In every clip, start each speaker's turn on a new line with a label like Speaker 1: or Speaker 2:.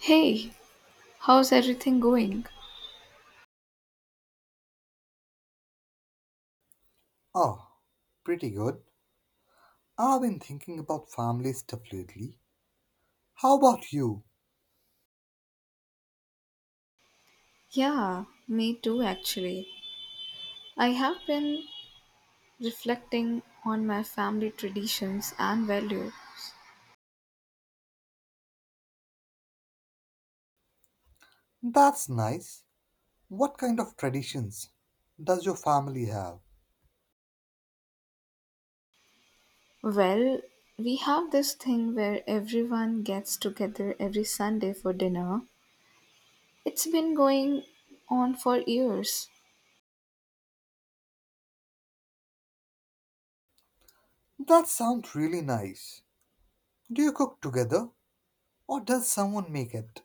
Speaker 1: Hey, how's everything going?
Speaker 2: Oh, pretty good. I've been thinking about family stuff lately. How about you?
Speaker 1: Yeah, me too actually. I have been reflecting on my family traditions and values.
Speaker 2: That's nice. What kind of traditions does your family have?
Speaker 1: Well, we have this thing where everyone gets together every Sunday for dinner. It's been going on for years.
Speaker 2: That sounds really nice. Do you cook together or does someone make it?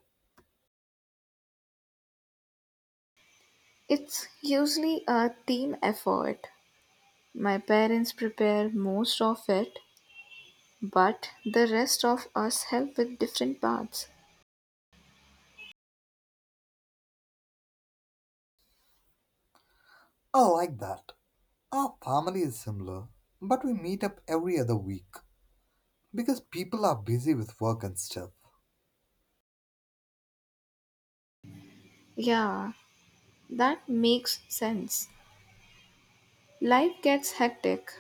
Speaker 1: It's usually a team effort. My parents prepare most of it, but the rest of us help with different parts.
Speaker 2: I like that. Our family is similar, but we meet up every other week because people are busy with work and stuff.
Speaker 1: Yeah, that makes sense. Life gets hectic,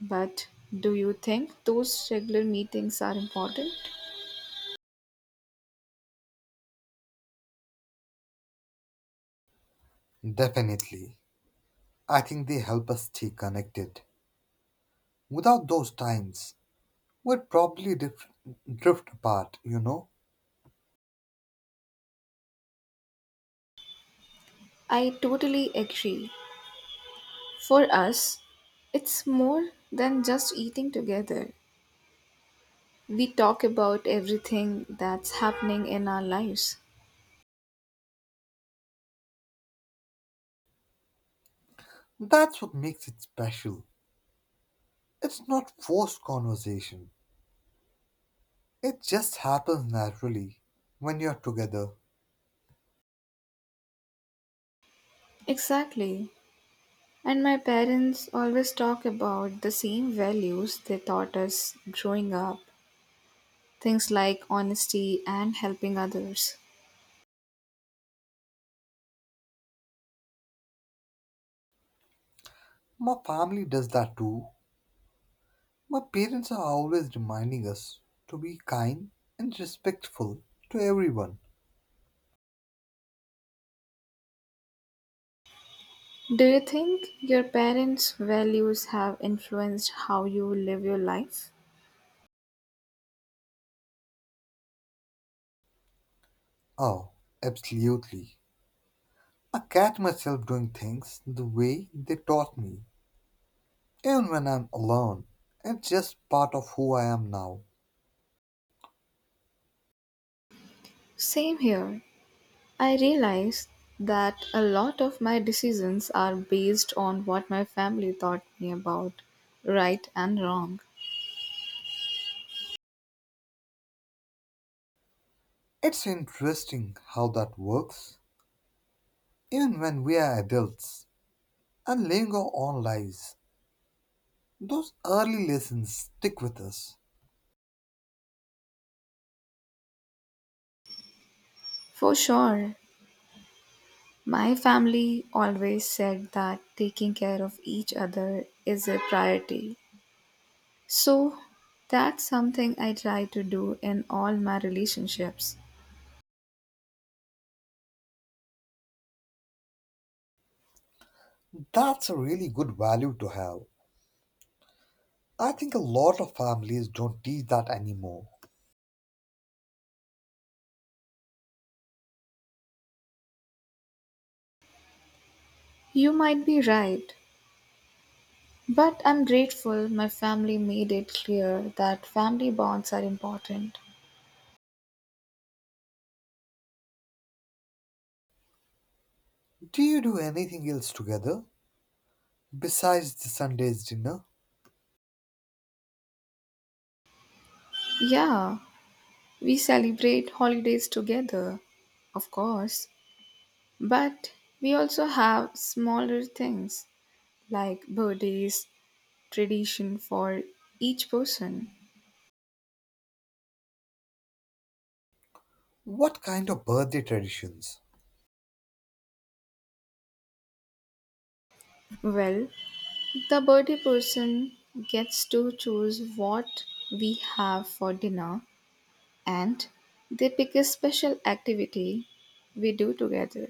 Speaker 1: but do you think those regular meetings are important?
Speaker 2: Definitely. I think they help us stay connected. Without those times, we'd probably drift apart, you know?
Speaker 1: I totally agree. For us, it's more than just eating together. We talk about everything that's happening in our lives.
Speaker 2: That's what makes it special. It's not forced conversation, it just happens naturally when you're together.
Speaker 1: Exactly. And my parents always talk about the same values they taught us growing up, things like honesty and helping others.
Speaker 2: My family does that too. My parents are always reminding us to be kind and respectful to everyone.
Speaker 1: Do you think your parents' values have influenced how you live your life?
Speaker 2: Oh, absolutely. I catch myself doing things the way they taught me, even when I'm alone. It's just part of who I am now.
Speaker 1: Same here. I realized that a lot of my decisions are based on what my family taught me about right and wrong.
Speaker 2: It's interesting how that works. Even when we are adults and living our own lives, those early lessons stick with us.
Speaker 1: For sure, my family always said that taking care of each other is a priority. So, that's something I try to do in all my relationships.
Speaker 2: That's a really good value to have. I think a lot of families don't teach that anymore.
Speaker 1: You might be right. But I'm grateful my family made it clear that family bonds are important.
Speaker 2: Do you do anything else together besides the Sunday's dinner?
Speaker 1: Yeah, we celebrate holidays together, of course, but we also have smaller things like birthdays, tradition for each person.
Speaker 2: What kind of birthday traditions?
Speaker 1: Well, the birthday person gets to choose what we have for dinner and they pick a special activity we do together.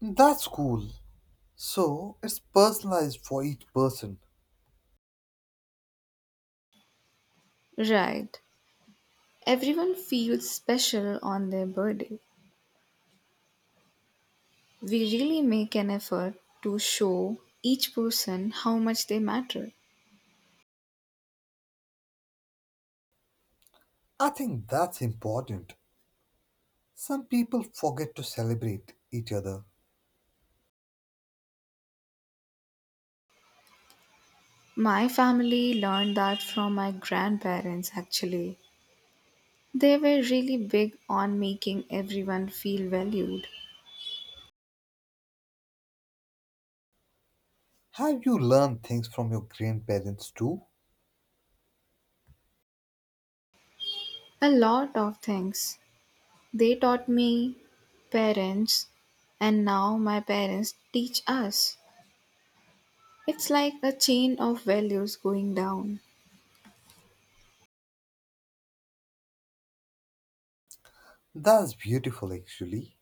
Speaker 2: That's cool. So it's personalized for each person.
Speaker 1: Right. Everyone feels special on their birthday. We really make an effort to show each person how much they matter.
Speaker 2: I think that's important. Some people forget to celebrate each other.
Speaker 1: My family learned that from my grandparents actually. They were really big on making everyone feel valued.
Speaker 2: Have you learned things from your grandparents too?
Speaker 1: A lot of things. They taught me, parents, and now my parents teach us. It's like a chain of values going down.
Speaker 2: That's beautiful, actually.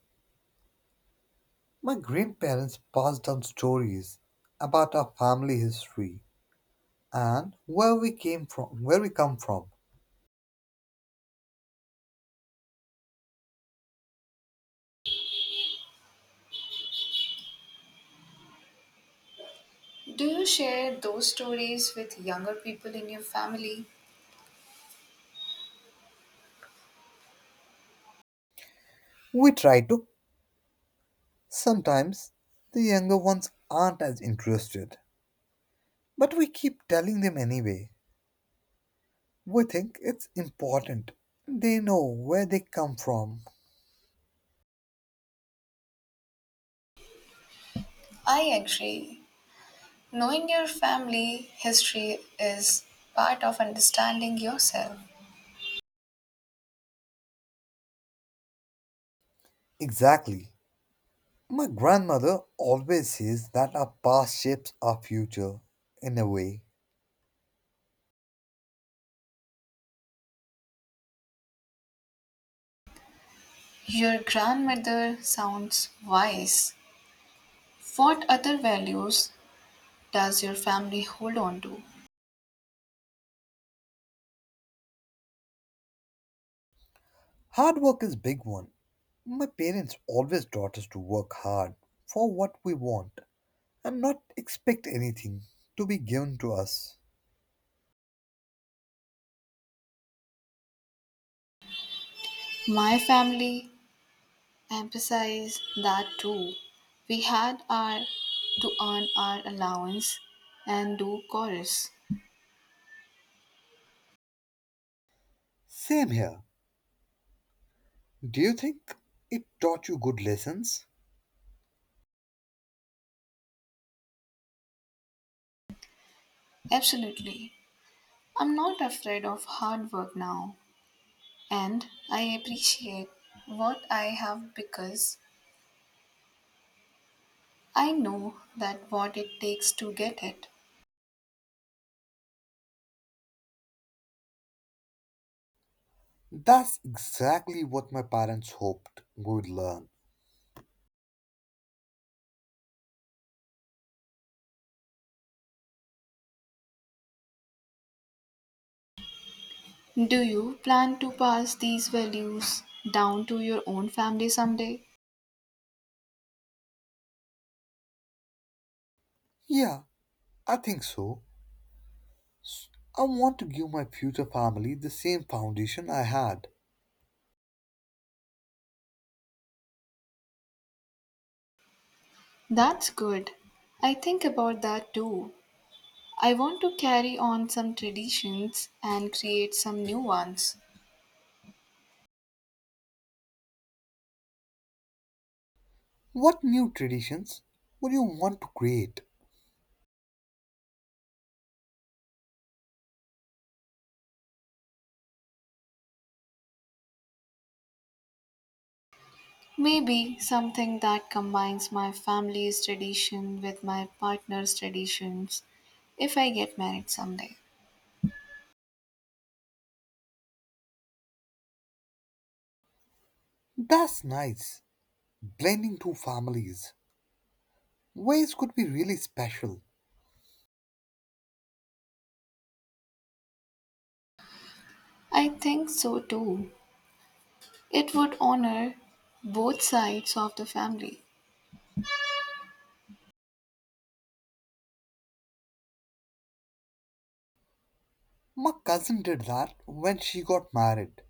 Speaker 2: My grandparents passed down stories about our family history and where we came from, where we come from.
Speaker 1: Do you share those stories with younger people in your family?
Speaker 2: We try to. Sometimes the younger ones aren't as interested, but we keep telling them anyway. We think it's important. They know where they come from.
Speaker 1: I agree. Knowing your family history is part of understanding yourself.
Speaker 2: Exactly. My grandmother always says that our past shapes our future in a way.
Speaker 1: Your grandmother sounds wise. What other values does your family hold on to?
Speaker 2: Hard work is big one. My parents always taught us to work hard for what we want and not expect anything to be given to us.
Speaker 1: My family emphasized that too. We had our to earn our allowance and do chorus.
Speaker 2: Same here. Do you think it taught you good lessons?
Speaker 1: Absolutely. I'm not afraid of hard work now. And I appreciate what I have because I know that what it takes to get it.
Speaker 2: That's exactly what my parents hoped we would learn.
Speaker 1: Do you plan to pass these values down to your own family someday?
Speaker 2: Yeah, I think so. I want to give my future family the same foundation I had.
Speaker 1: That's good. I think about that too. I want to carry on some traditions and create some new ones.
Speaker 2: What new traditions would you want to create?
Speaker 1: Maybe something that combines my family's tradition with my partner's traditions if I get married someday.
Speaker 2: That's nice. Blending two families. Weddings could be really special.
Speaker 1: I think so too. It would honor both sides of the family.
Speaker 2: My cousin did that when she got married,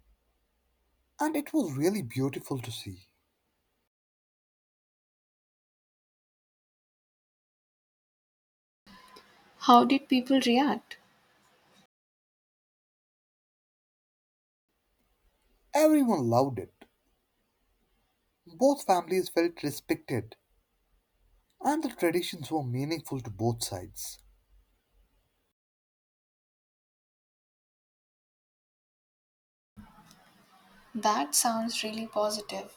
Speaker 2: and it was really beautiful to see.
Speaker 1: How did people react?
Speaker 2: Everyone loved it. Both families felt respected, and the traditions were meaningful to both sides.
Speaker 1: That sounds really positive.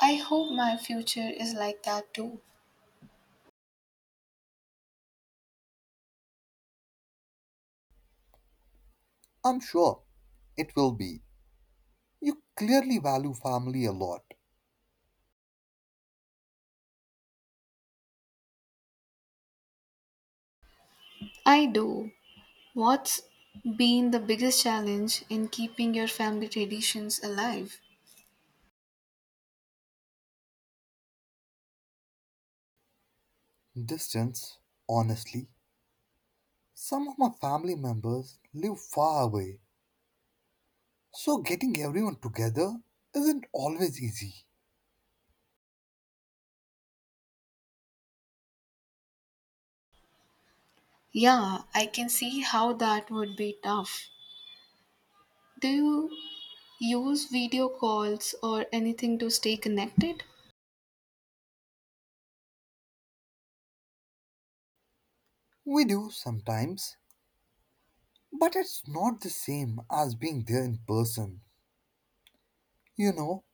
Speaker 1: I hope my future is like that too.
Speaker 2: I'm sure it will be. You clearly value family a lot.
Speaker 1: I do. What's been the biggest challenge in keeping your family traditions alive?
Speaker 2: Distance, honestly, some of my family members live far away, so getting everyone together isn't always easy.
Speaker 1: Yeah, I can see how that would be tough. Do you use video calls or anything to stay connected?
Speaker 2: We do sometimes, but it's not the same as being there in person, you know,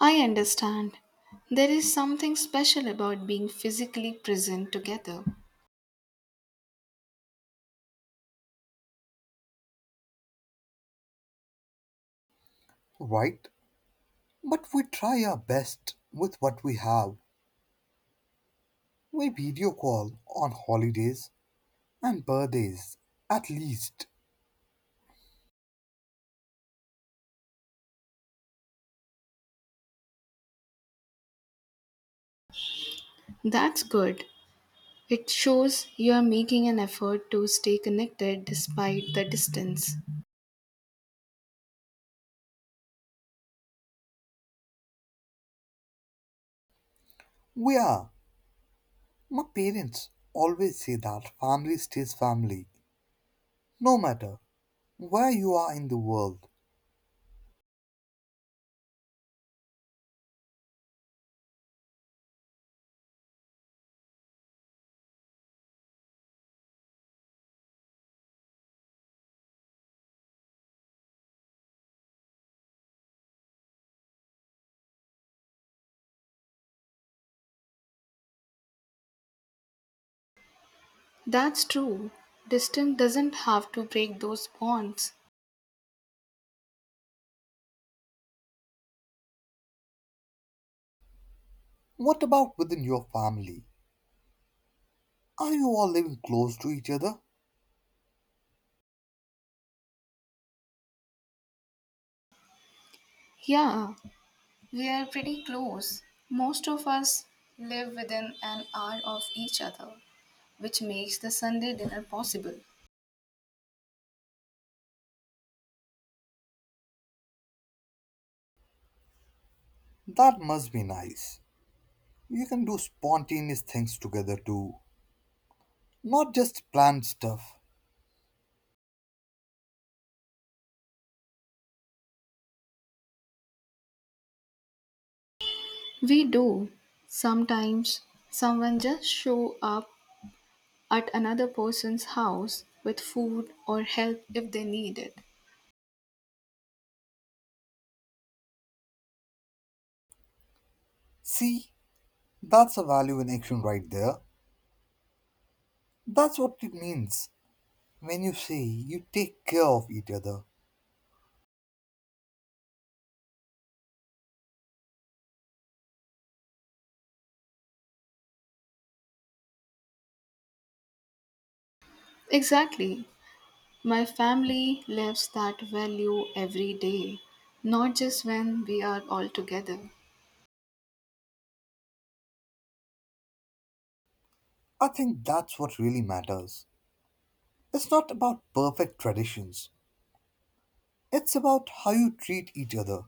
Speaker 1: I understand. There is something special about being physically present together.
Speaker 2: right? But we try our best with what we have. We video call on holidays and birthdays, at least.
Speaker 1: That's good. It shows you are making an effort to stay connected despite the distance.
Speaker 2: We are. My parents always say that family stays family, no matter where you are in the world.
Speaker 1: That's true. Distance doesn't have to break those bonds.
Speaker 2: What about within your family? Are you all living close to each other?
Speaker 1: Yeah, we are pretty close. Most of us live within an hour of each other, which makes the Sunday dinner possible.
Speaker 2: That must be nice. You can do spontaneous things together too. Not just planned stuff.
Speaker 1: We do. Sometimes someone just show up at another person's house with food or help if they need it.
Speaker 2: See, that's a value in action right there. That's what it means when you say you take care of each other.
Speaker 1: Exactly. My family lives that value every day, not just when we are all together.
Speaker 2: I think that's what really matters. It's not about perfect traditions, it's about how you treat each other.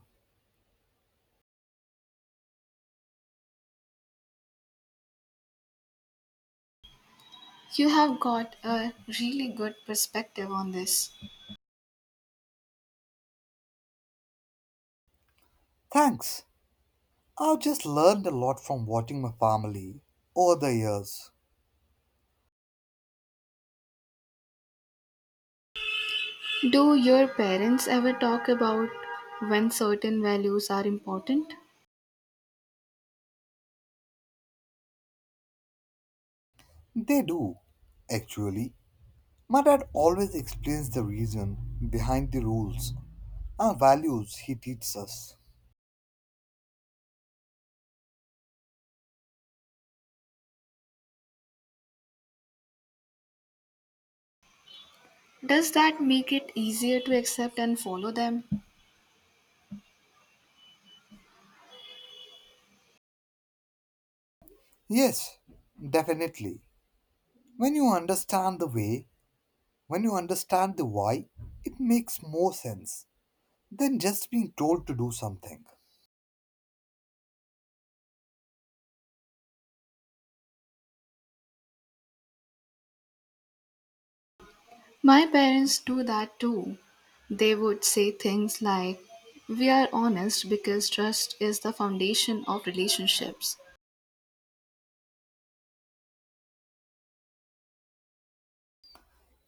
Speaker 1: You have got a really good perspective on this.
Speaker 2: Thanks. I've just learned a lot from watching my family over the years.
Speaker 1: Do your parents ever talk about when certain values are important?
Speaker 2: They do, actually. My dad always explains the reason behind the rules and values he teaches us.
Speaker 1: Does that make it easier to accept and follow them?
Speaker 2: Yes, definitely. When you understand the way, when you understand the why, it makes more sense than just being told to do something.
Speaker 1: My parents do that too. They would say things like, we are honest because trust is the foundation of relationships.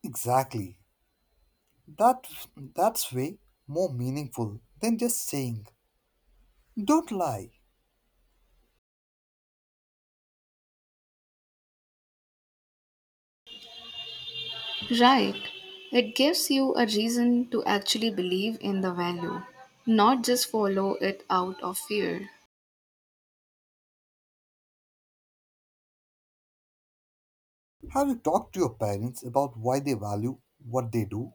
Speaker 2: Exactly. That that's way more meaningful than just saying, "Don't lie."
Speaker 1: Right. It gives you a reason to actually believe in the value, not just follow it out of fear.
Speaker 2: Have you talked to your parents about why they value what they do?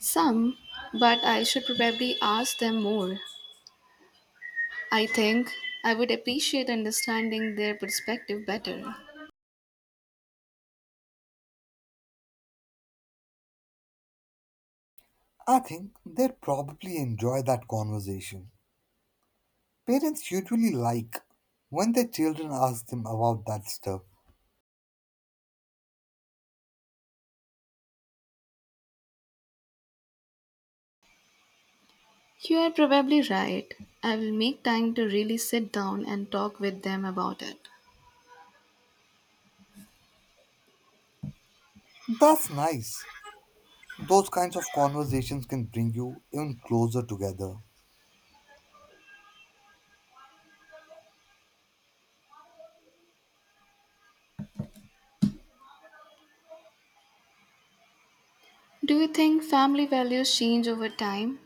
Speaker 1: Some, but I should probably ask them more. I think I would appreciate understanding their perspective better.
Speaker 2: I think they'd probably enjoy that conversation. Parents usually like when their children ask them about that stuff.
Speaker 1: You are probably right. I will make time to really sit down and talk with them about it.
Speaker 2: That's nice. Those kinds of conversations can bring you even closer together.
Speaker 1: Do you think family values change over time?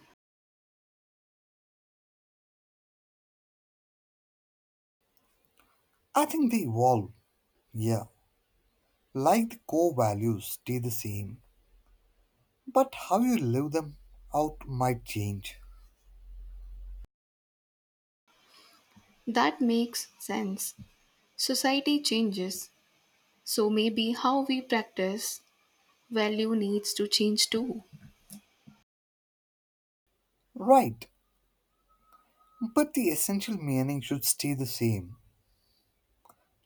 Speaker 2: I think they evolve, yeah. Like the core values stay the same, but how you live them out might change.
Speaker 1: That makes sense. Society changes, so maybe how we practice value needs to change too.
Speaker 2: Right, but the essential meaning should stay the same.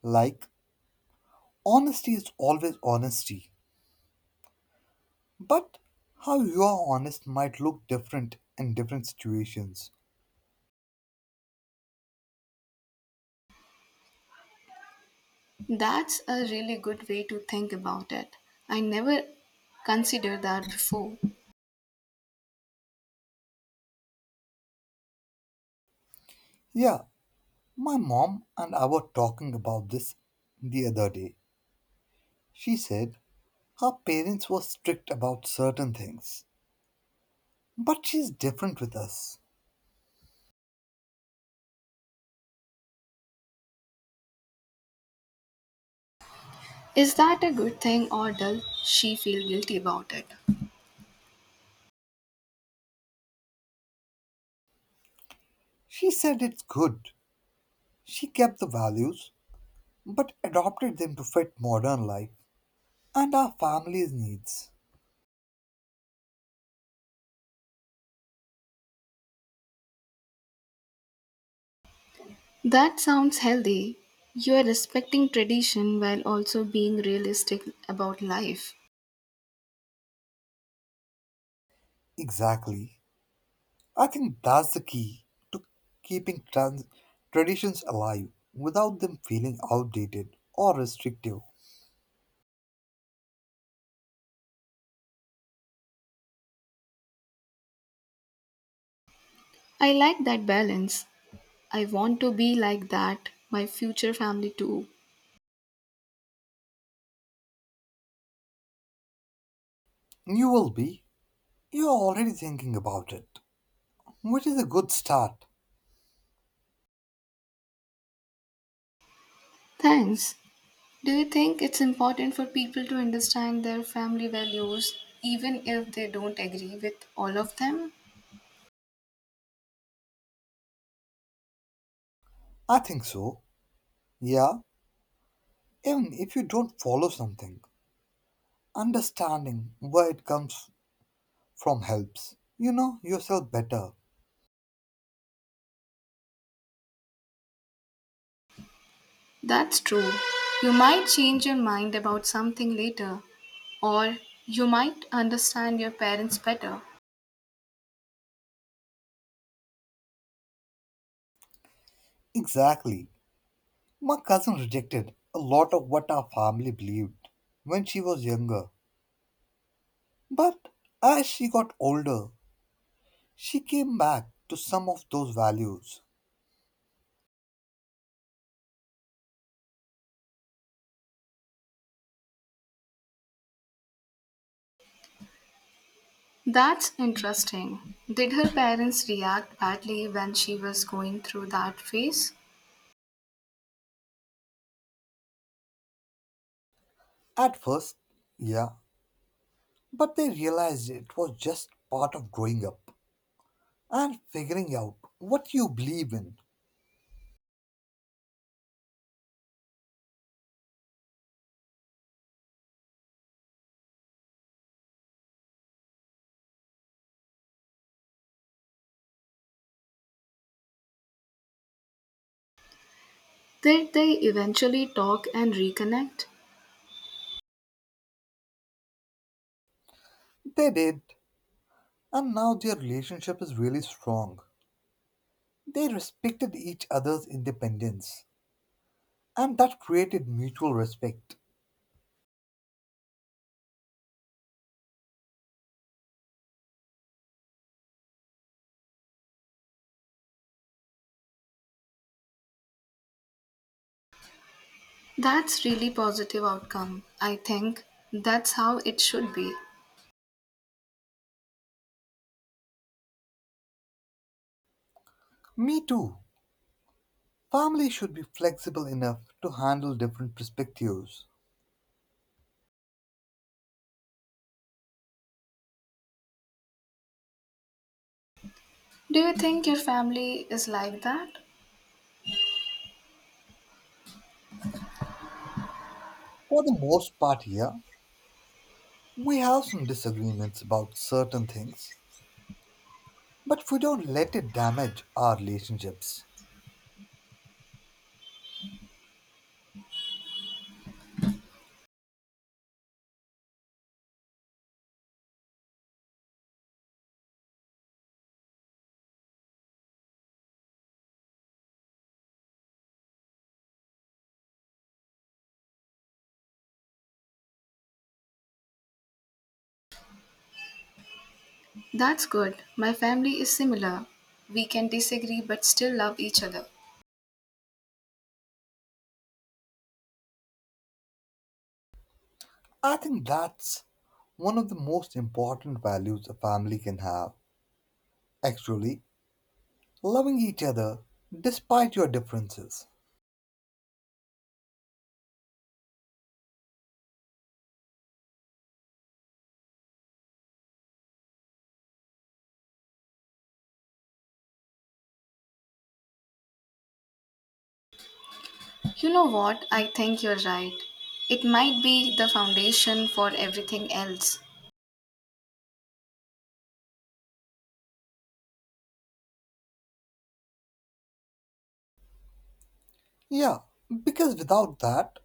Speaker 2: Like, honesty is always honesty, but how you are honest might look different in different situations.
Speaker 1: That's a really good way to think about it. I never considered that before.
Speaker 2: Yeah, my mom and I were talking about this the other day. She said, her parents were strict about certain things, but she's different with us.
Speaker 1: Is that a good thing or does she feel guilty about it?
Speaker 2: She said it's good. She kept the values, but adopted them to fit modern life and our family's needs.
Speaker 1: That sounds healthy. You are respecting tradition while also being realistic about life.
Speaker 2: Exactly. I think that's the key to keeping traditions alive without them feeling outdated or restrictive.
Speaker 1: I like that balance. I want to be like that, my future family too.
Speaker 2: You will be. You're already thinking about it, which is a good start.
Speaker 1: Thanks. Do you think it's important for people to understand their family values even if they don't agree with all of them?
Speaker 2: I think so. Yeah, even if you don't follow something. Understanding where it comes from helps. You know yourself better.
Speaker 1: That's true. You might change your mind about something later, or you might understand your parents better.
Speaker 2: Exactly. My cousin rejected a lot of what our family believed when she was younger. But as she got older, she came back to some of those values.
Speaker 1: That's interesting. Did her parents react badly when she was going through that phase?
Speaker 2: At first, yeah, but they realized it was just part of growing up and figuring out what you believe in.
Speaker 1: Did they eventually talk and reconnect?
Speaker 2: They did, and now their relationship is really strong. They respected each other's independence, and that created mutual respect.
Speaker 1: That's really positive outcome. I think that's how it should be.
Speaker 2: Me too. Family should be flexible enough to handle different perspectives.
Speaker 1: Do you think your family is like that?
Speaker 2: For the most part, here, we have some disagreements about certain things, but we don't let it damage our relationships.
Speaker 1: That's good. My family is similar. We can disagree but still love each other.
Speaker 2: I think that's one of the most important values a family can have. Actually, loving each other despite your differences.
Speaker 1: You know what? I think you're right. It might be the foundation for everything else.
Speaker 2: Yeah, because without that,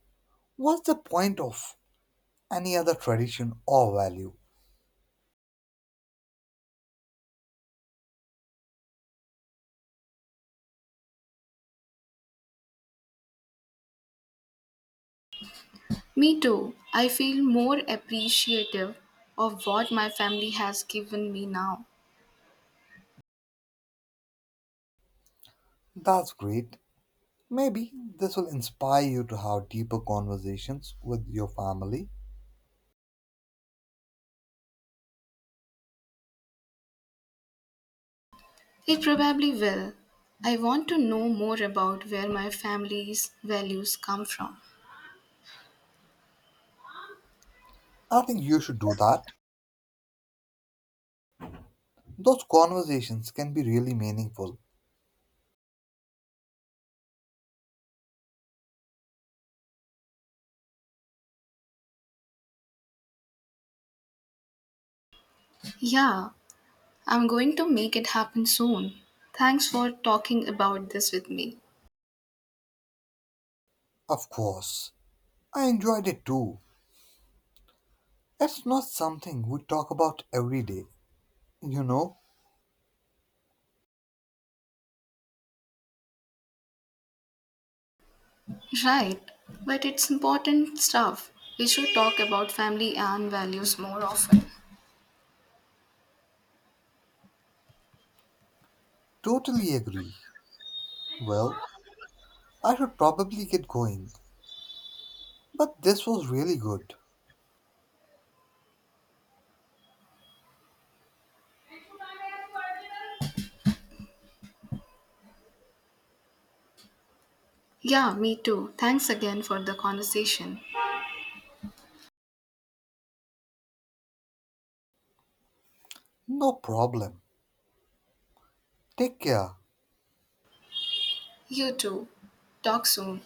Speaker 2: what's the point of any other tradition or value?
Speaker 1: Me too. I feel more appreciative of what my family has given me now.
Speaker 2: That's great. Maybe this will inspire you to have deeper conversations with your family.
Speaker 1: It probably will. I want to know more about where my family's values come from.
Speaker 2: I think you should do that. Those conversations can be really meaningful.
Speaker 1: Yeah, I'm going to make it happen soon. Thanks for talking about this with me.
Speaker 2: Of course. I enjoyed it too. It's not something we talk about every day. You know,
Speaker 1: Right, but it's important stuff. We should talk about family and values more often.
Speaker 2: totally agree. Well, I should probably get going. But this was really good.
Speaker 1: Yeah, me too. Thanks again for the conversation.
Speaker 2: No problem. Take care.
Speaker 1: You too. Talk soon.